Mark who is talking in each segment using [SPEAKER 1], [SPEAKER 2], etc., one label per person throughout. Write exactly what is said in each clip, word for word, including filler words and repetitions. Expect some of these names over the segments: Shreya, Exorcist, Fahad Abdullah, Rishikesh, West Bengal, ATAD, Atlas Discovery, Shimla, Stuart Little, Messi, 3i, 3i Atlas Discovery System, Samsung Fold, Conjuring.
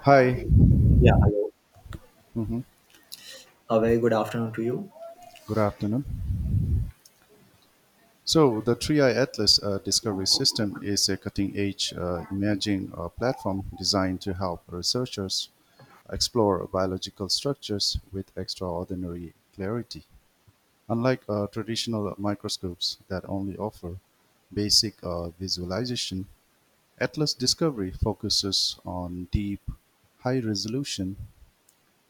[SPEAKER 1] Hi.
[SPEAKER 2] Yeah, hello.
[SPEAKER 1] Mhm.
[SPEAKER 2] A very good afternoon to you.
[SPEAKER 1] Good afternoon. So, the three i Atlas uh, Discovery System is a cutting edge uh, imaging uh, platform designed to help researchers explore biological structures with extraordinary clarity. Unlike uh, traditional microscopes that only offer basic uh, visualization, Atlas Discovery focuses on deep, high resolution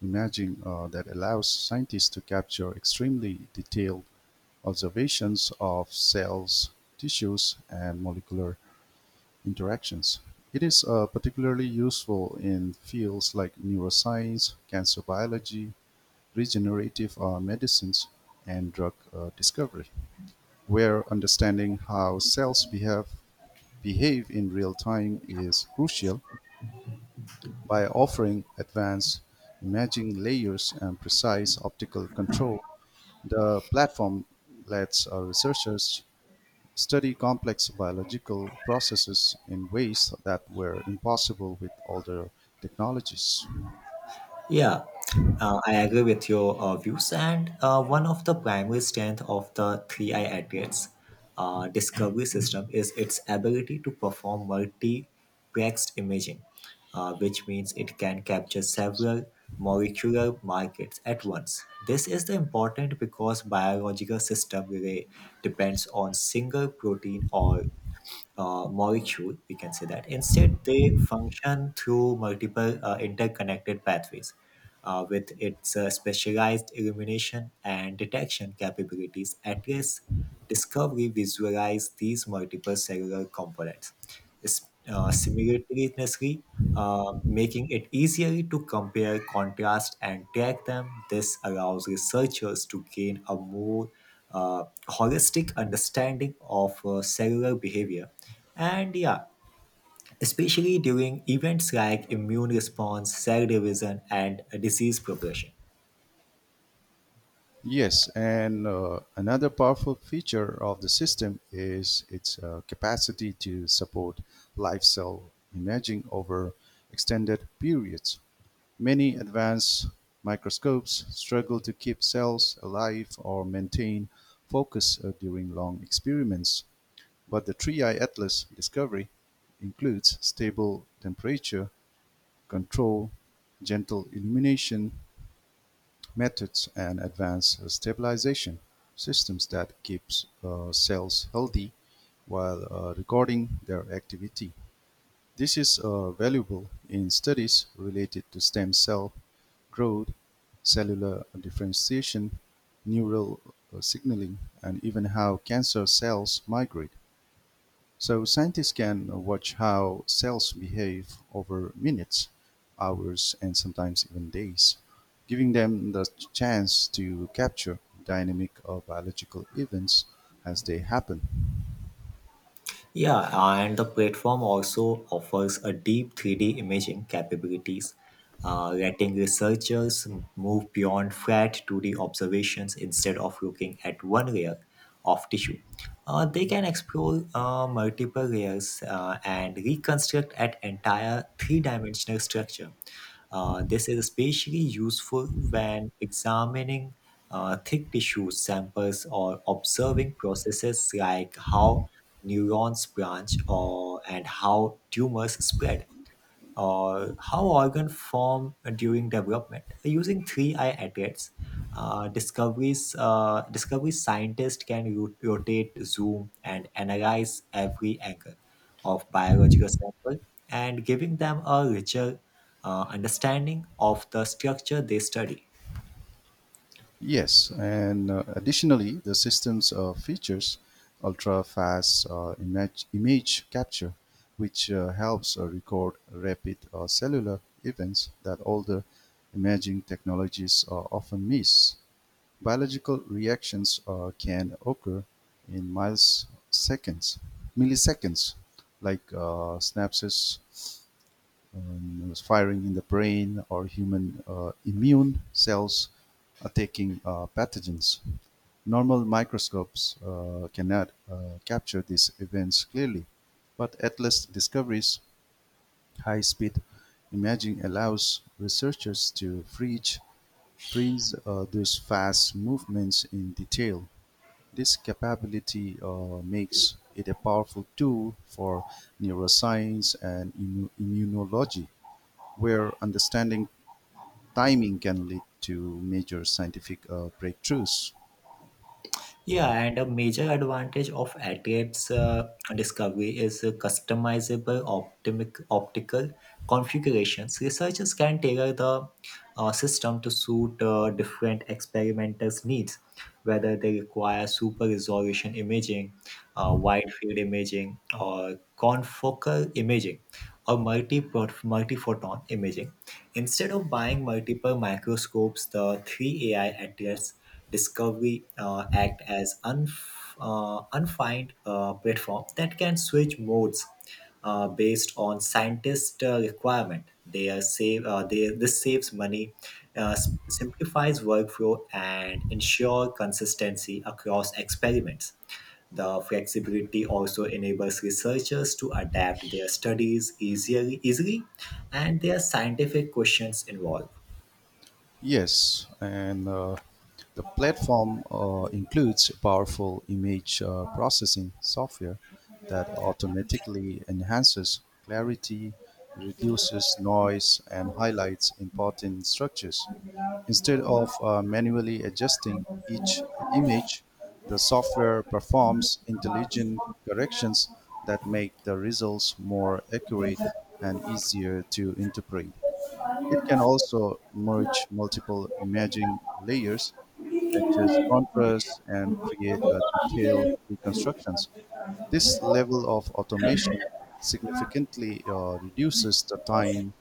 [SPEAKER 1] imaging uh, that allows scientists to capture extremely detailed observations of cells, tissues, and molecular interactions. It is uh, particularly useful in fields like neuroscience, cancer biology, regenerative uh, medicines, and drug uh, discovery, where understanding how cells behave, behave in real time is crucial by offering advanced imaging layers and precise optical control. The platform lets uh, researchers study complex biological processes in ways that were impossible with older technologies.
[SPEAKER 2] Yeah, uh, I agree with your uh, views. And uh, One of the primary strength of the three i address uh, discovery system is its ability to perform multiplexed imaging, uh, which means it can capture several molecular markers at once. This is the important because biological system really depends on single protein or uh, molecule, we can say that. Instead, they function through multiple uh, interconnected pathways uh, with its uh, specialized illumination and detection capabilities. Atlas Discovery visualize these multiple cellular components, is- uh, simultaneously, uh, making it easier to compare, contrast, and track them. This allows researchers to gain a more uh, holistic understanding of uh, cellular behavior. And yeah, Especially during events like immune response, cell division, and uh, disease progression.
[SPEAKER 1] Yes, and uh, another powerful feature of the system is its uh, capacity to support live cell imaging over extended periods. Many advanced microscopes struggle to keep cells alive or maintain focus uh, during long experiments. But the Three-Eye Atlas discovery includes stable temperature control, gentle illumination methods and advanced stabilization systems that keeps uh, cells healthy while uh, recording their activity. This is uh, valuable in studies related to stem cell growth, cellular differentiation, neural uh, signaling, and even how cancer cells migrate. So scientists can watch how cells behave over minutes, hours, and sometimes even days, giving them the chance to capture dynamic or biological events as they happen.
[SPEAKER 2] Yeah, and the platform also offers a deep three D imaging capabilities, uh, letting researchers move beyond flat two D observations instead of looking at one layer of tissue. Uh, they can explore uh, multiple layers uh, and reconstruct an entire three-dimensional structure. Uh, this is especially useful when examining uh, thick tissue samples or observing processes like how neurons branch or and how tumors spread or how organ form during development using three i adults uh, discoveries uh, discovery scientists can ro- rotate zoom and analyze every angle of biological sample and giving them a richer uh, understanding of the structure they study.
[SPEAKER 1] Yes, and uh, additionally, the system's uh, features ultra-fast uh, image, image capture, which uh, helps uh, record rapid uh, cellular events that older imaging technologies uh, often miss. Biological reactions uh, can occur in miles seconds, milliseconds, like uh, synapses um, firing in the brain or human uh, immune cells attacking uh, pathogens. Normal microscopes uh, cannot uh, capture these events clearly, but Atlas Discovery's high speed imaging allows researchers to freeze, freeze uh, those fast movements in detail. This capability uh, makes it a powerful tool for neuroscience and immu- immunology, where understanding timing can lead to major scientific uh, breakthroughs.
[SPEAKER 2] Yeah, and a major advantage of A TAD's uh, discovery is uh, customizable optimic, optical configurations. Researchers can tailor the uh, system to suit uh, different experimenters' needs, whether they require super resolution imaging, uh, wide field imaging, or confocal imaging, or multi multi photon imaging. Instead of buying multiple microscopes, the three A I A TADs Discovery uh, act as unf- uh, unfined uh, platform that can switch modes uh, based on scientist uh, requirement. They are save uh, they this saves money, uh, s- simplifies workflow, and ensure consistency across experiments. The flexibility also enables researchers to adapt their studies easily, easily, and their scientific questions involved.
[SPEAKER 1] Yes, and uh, the platform uh, includes powerful image uh, processing software that automatically enhances clarity, reduces noise, and highlights important structures. Instead of uh, manually adjusting each image, the software performs intelligent corrections that make the results more accurate and easier to interpret. It can also merge multiple imaging layers, adjust contrast, and create a detailed reconstructions. This level of automation significantly uh, reduces the time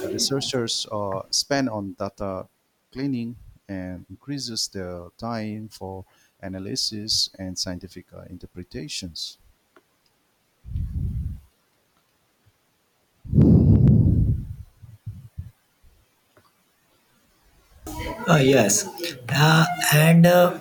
[SPEAKER 1] researchers uh, spend on data cleaning and increases their time for analysis and scientific uh, interpretations.
[SPEAKER 2] Uh, yes. Uh, and uh,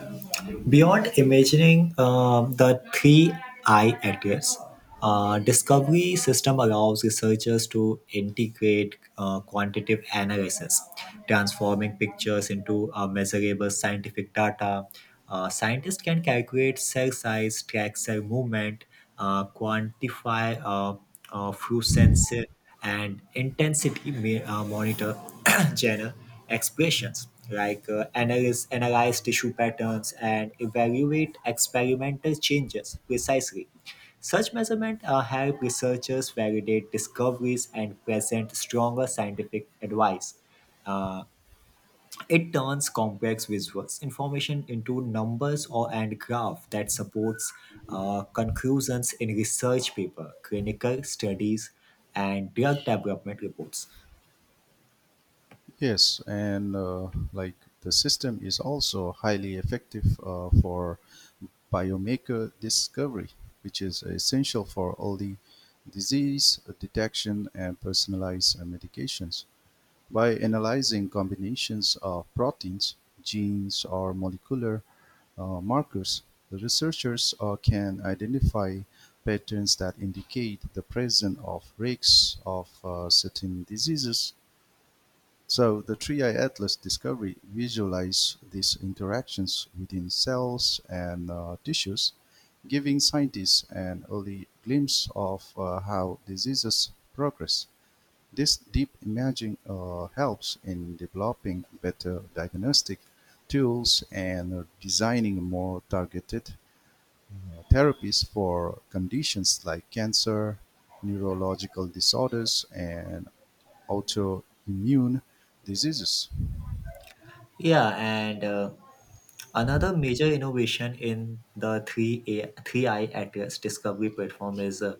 [SPEAKER 2] Beyond imagining uh, the three I atlas, uh, discovery system allows researchers to integrate uh, quantitative analysis, transforming pictures into uh, measurable scientific data. Uh, scientists can calculate cell size, track cell movement, uh, quantify uh, uh, fluorescence and intensity ma- uh, monitor channel expressions like uh, analyze, analyze tissue patterns and evaluate experimental changes precisely. Such measurements uh, help researchers validate discoveries and present stronger scientific advice. Uh, it turns complex visuals information into numbers or and graph that supports uh, conclusions in research paper, clinical studies, and drug development reports.
[SPEAKER 1] Yes, and uh, like the system is also highly effective uh, for biomarker discovery, which is essential for early disease detection and personalized uh, medications. By analyzing combinations of proteins, genes, or molecular uh, markers, the researchers uh, can identify patterns that indicate the presence of risks of uh, certain diseases. So the Three-Eye Atlas discovery visualizes these interactions within cells and uh, tissues, giving scientists an early glimpse of uh, how diseases progress. This deep imaging uh, helps in developing better diagnostic tools and designing more targeted uh, therapies for conditions like cancer, neurological disorders, and autoimmune diseases.
[SPEAKER 2] Yeah, and uh, Another major innovation in the three A three I A T S discovery platform is uh,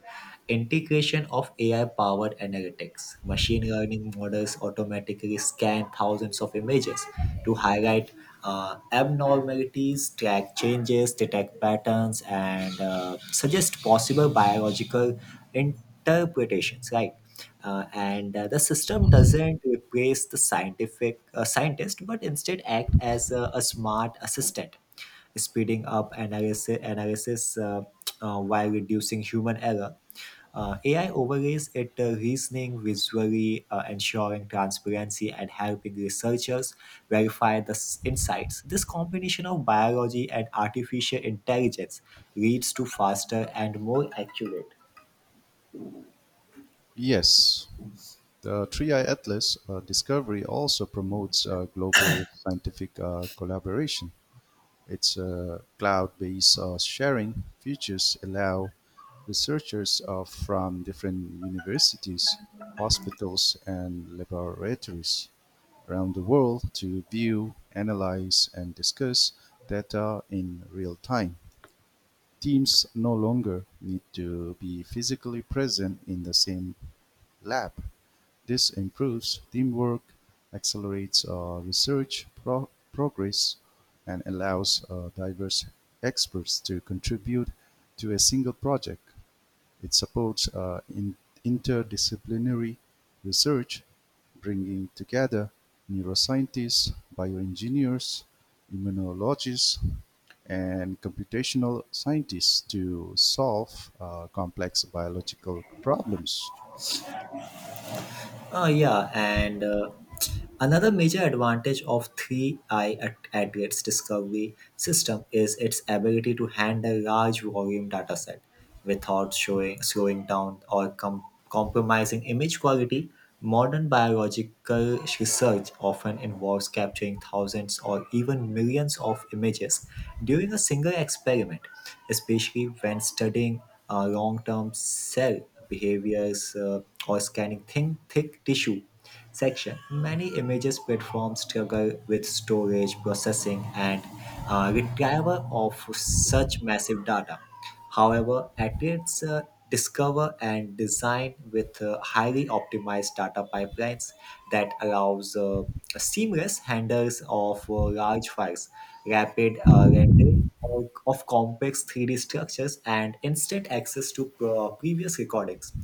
[SPEAKER 2] integration of A I powered analytics. Machine learning models automatically scan thousands of images to highlight uh, abnormalities, track changes, detect patterns, and uh, suggest possible biological interpretations, right? uh, and uh, The system doesn't replace the scientific uh, scientist but instead act as a, a smart assistant speeding up analysis, analysis uh, uh, while reducing human error. uh, A I overlays it uh, reasoning visually, uh, ensuring transparency and helping researchers verify the s- insights. This combination of biology and artificial intelligence leads to faster and more accurate.
[SPEAKER 1] Yes, the three i Atlas uh, discovery also promotes uh, global scientific uh, collaboration. Its uh, cloud-based uh, sharing features allow researchers are from different universities, hospitals, and laboratories around the world to view, analyze, and discuss data in real time. Teams no longer need to be physically present in the same lab. This improves teamwork, accelerates uh, research pro- progress, and allows uh, diverse experts to contribute to a single project. It supports uh, in interdisciplinary research, bringing together neuroscientists, bioengineers, immunologists, and computational scientists to solve uh, complex biological problems.
[SPEAKER 2] Uh, yeah, and uh, Another major advantage of three i at, at its discovery system is its ability to handle large volume data set without showing, slowing down or com- compromising image quality. Modern biological research often involves capturing thousands or even millions of images during a single experiment, especially when studying uh, long-term cell behaviors uh, or scanning thin, thick tissue section. Many images platforms struggle with storage, processing, and uh, retrieval of such massive data. However, Atrids uh, discover and design with uh, highly optimized data pipelines that allows uh, seamless handles of uh, large files rapid uh, rendering of, of complex three D structures, and instant access to pro- previous recordings,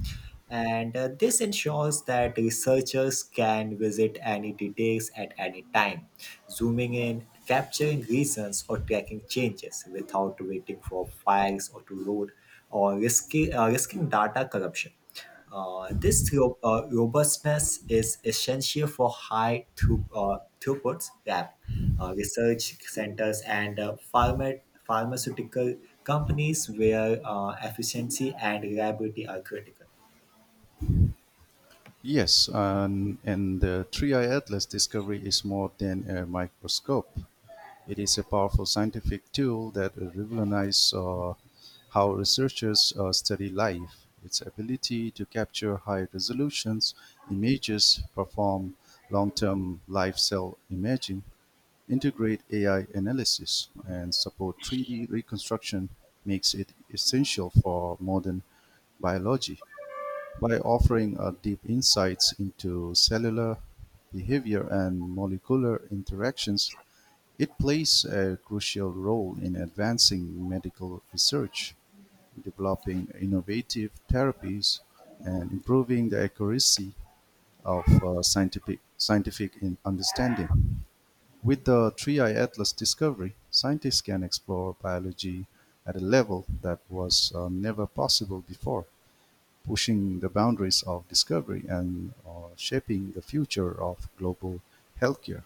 [SPEAKER 2] and uh, this ensures that researchers can visit any details at any time, zooming in, capturing reasons, or tracking changes without waiting for files or to load or risky, uh, risking data corruption. Uh, this ro- uh, robustness is essential for high through, uh, throughputs lab uh, research centers and uh, pharma- pharmaceutical companies where uh, efficiency and reliability are critical.
[SPEAKER 1] Yes, and, and the three i Atlas discovery is more than a microscope. It is a powerful scientific tool that revolutionized how researchers uh, study life. Its ability to capture high-resolution images, perform long-term live cell imaging, integrate A I analysis, and support three D reconstruction makes it essential for modern biology. By offering uh, deep insights into cellular behavior and molecular interactions, it plays a crucial role in advancing medical research, developing innovative therapies, and improving the accuracy of uh, scientific, scientific in- understanding. With the three Eye Atlas discovery, scientists can explore biology at a level that was uh, never possible before, pushing the boundaries of discovery and uh, shaping the future of global healthcare.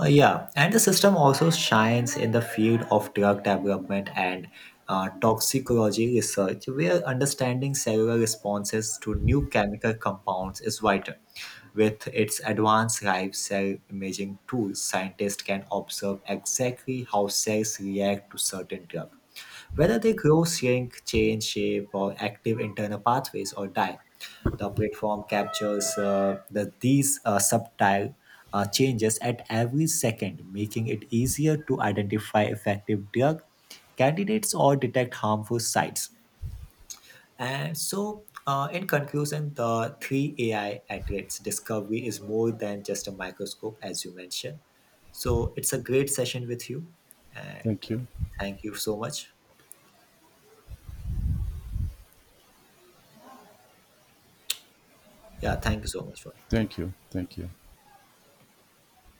[SPEAKER 2] Uh, yeah, and the system also shines in the field of drug development and uh, toxicology research, where understanding cellular responses to new chemical compounds is vital. With its advanced live cell imaging tools, scientists can observe exactly how cells react to certain drugs, whether they grow, shrink, change shape, or active internal pathways, or die. The platform captures uh, the, these uh, subtle uh, changes at every second, making it easier to identify effective drug candidates or detect harmful sites. And so, uh, in conclusion, the three A I at its discovery is more than just a microscope, as you mentioned. So, it's a great session with you, and
[SPEAKER 1] Thank you.
[SPEAKER 2] thank you so much. Yeah, thank you so much for.
[SPEAKER 1] Thank you. Thank you.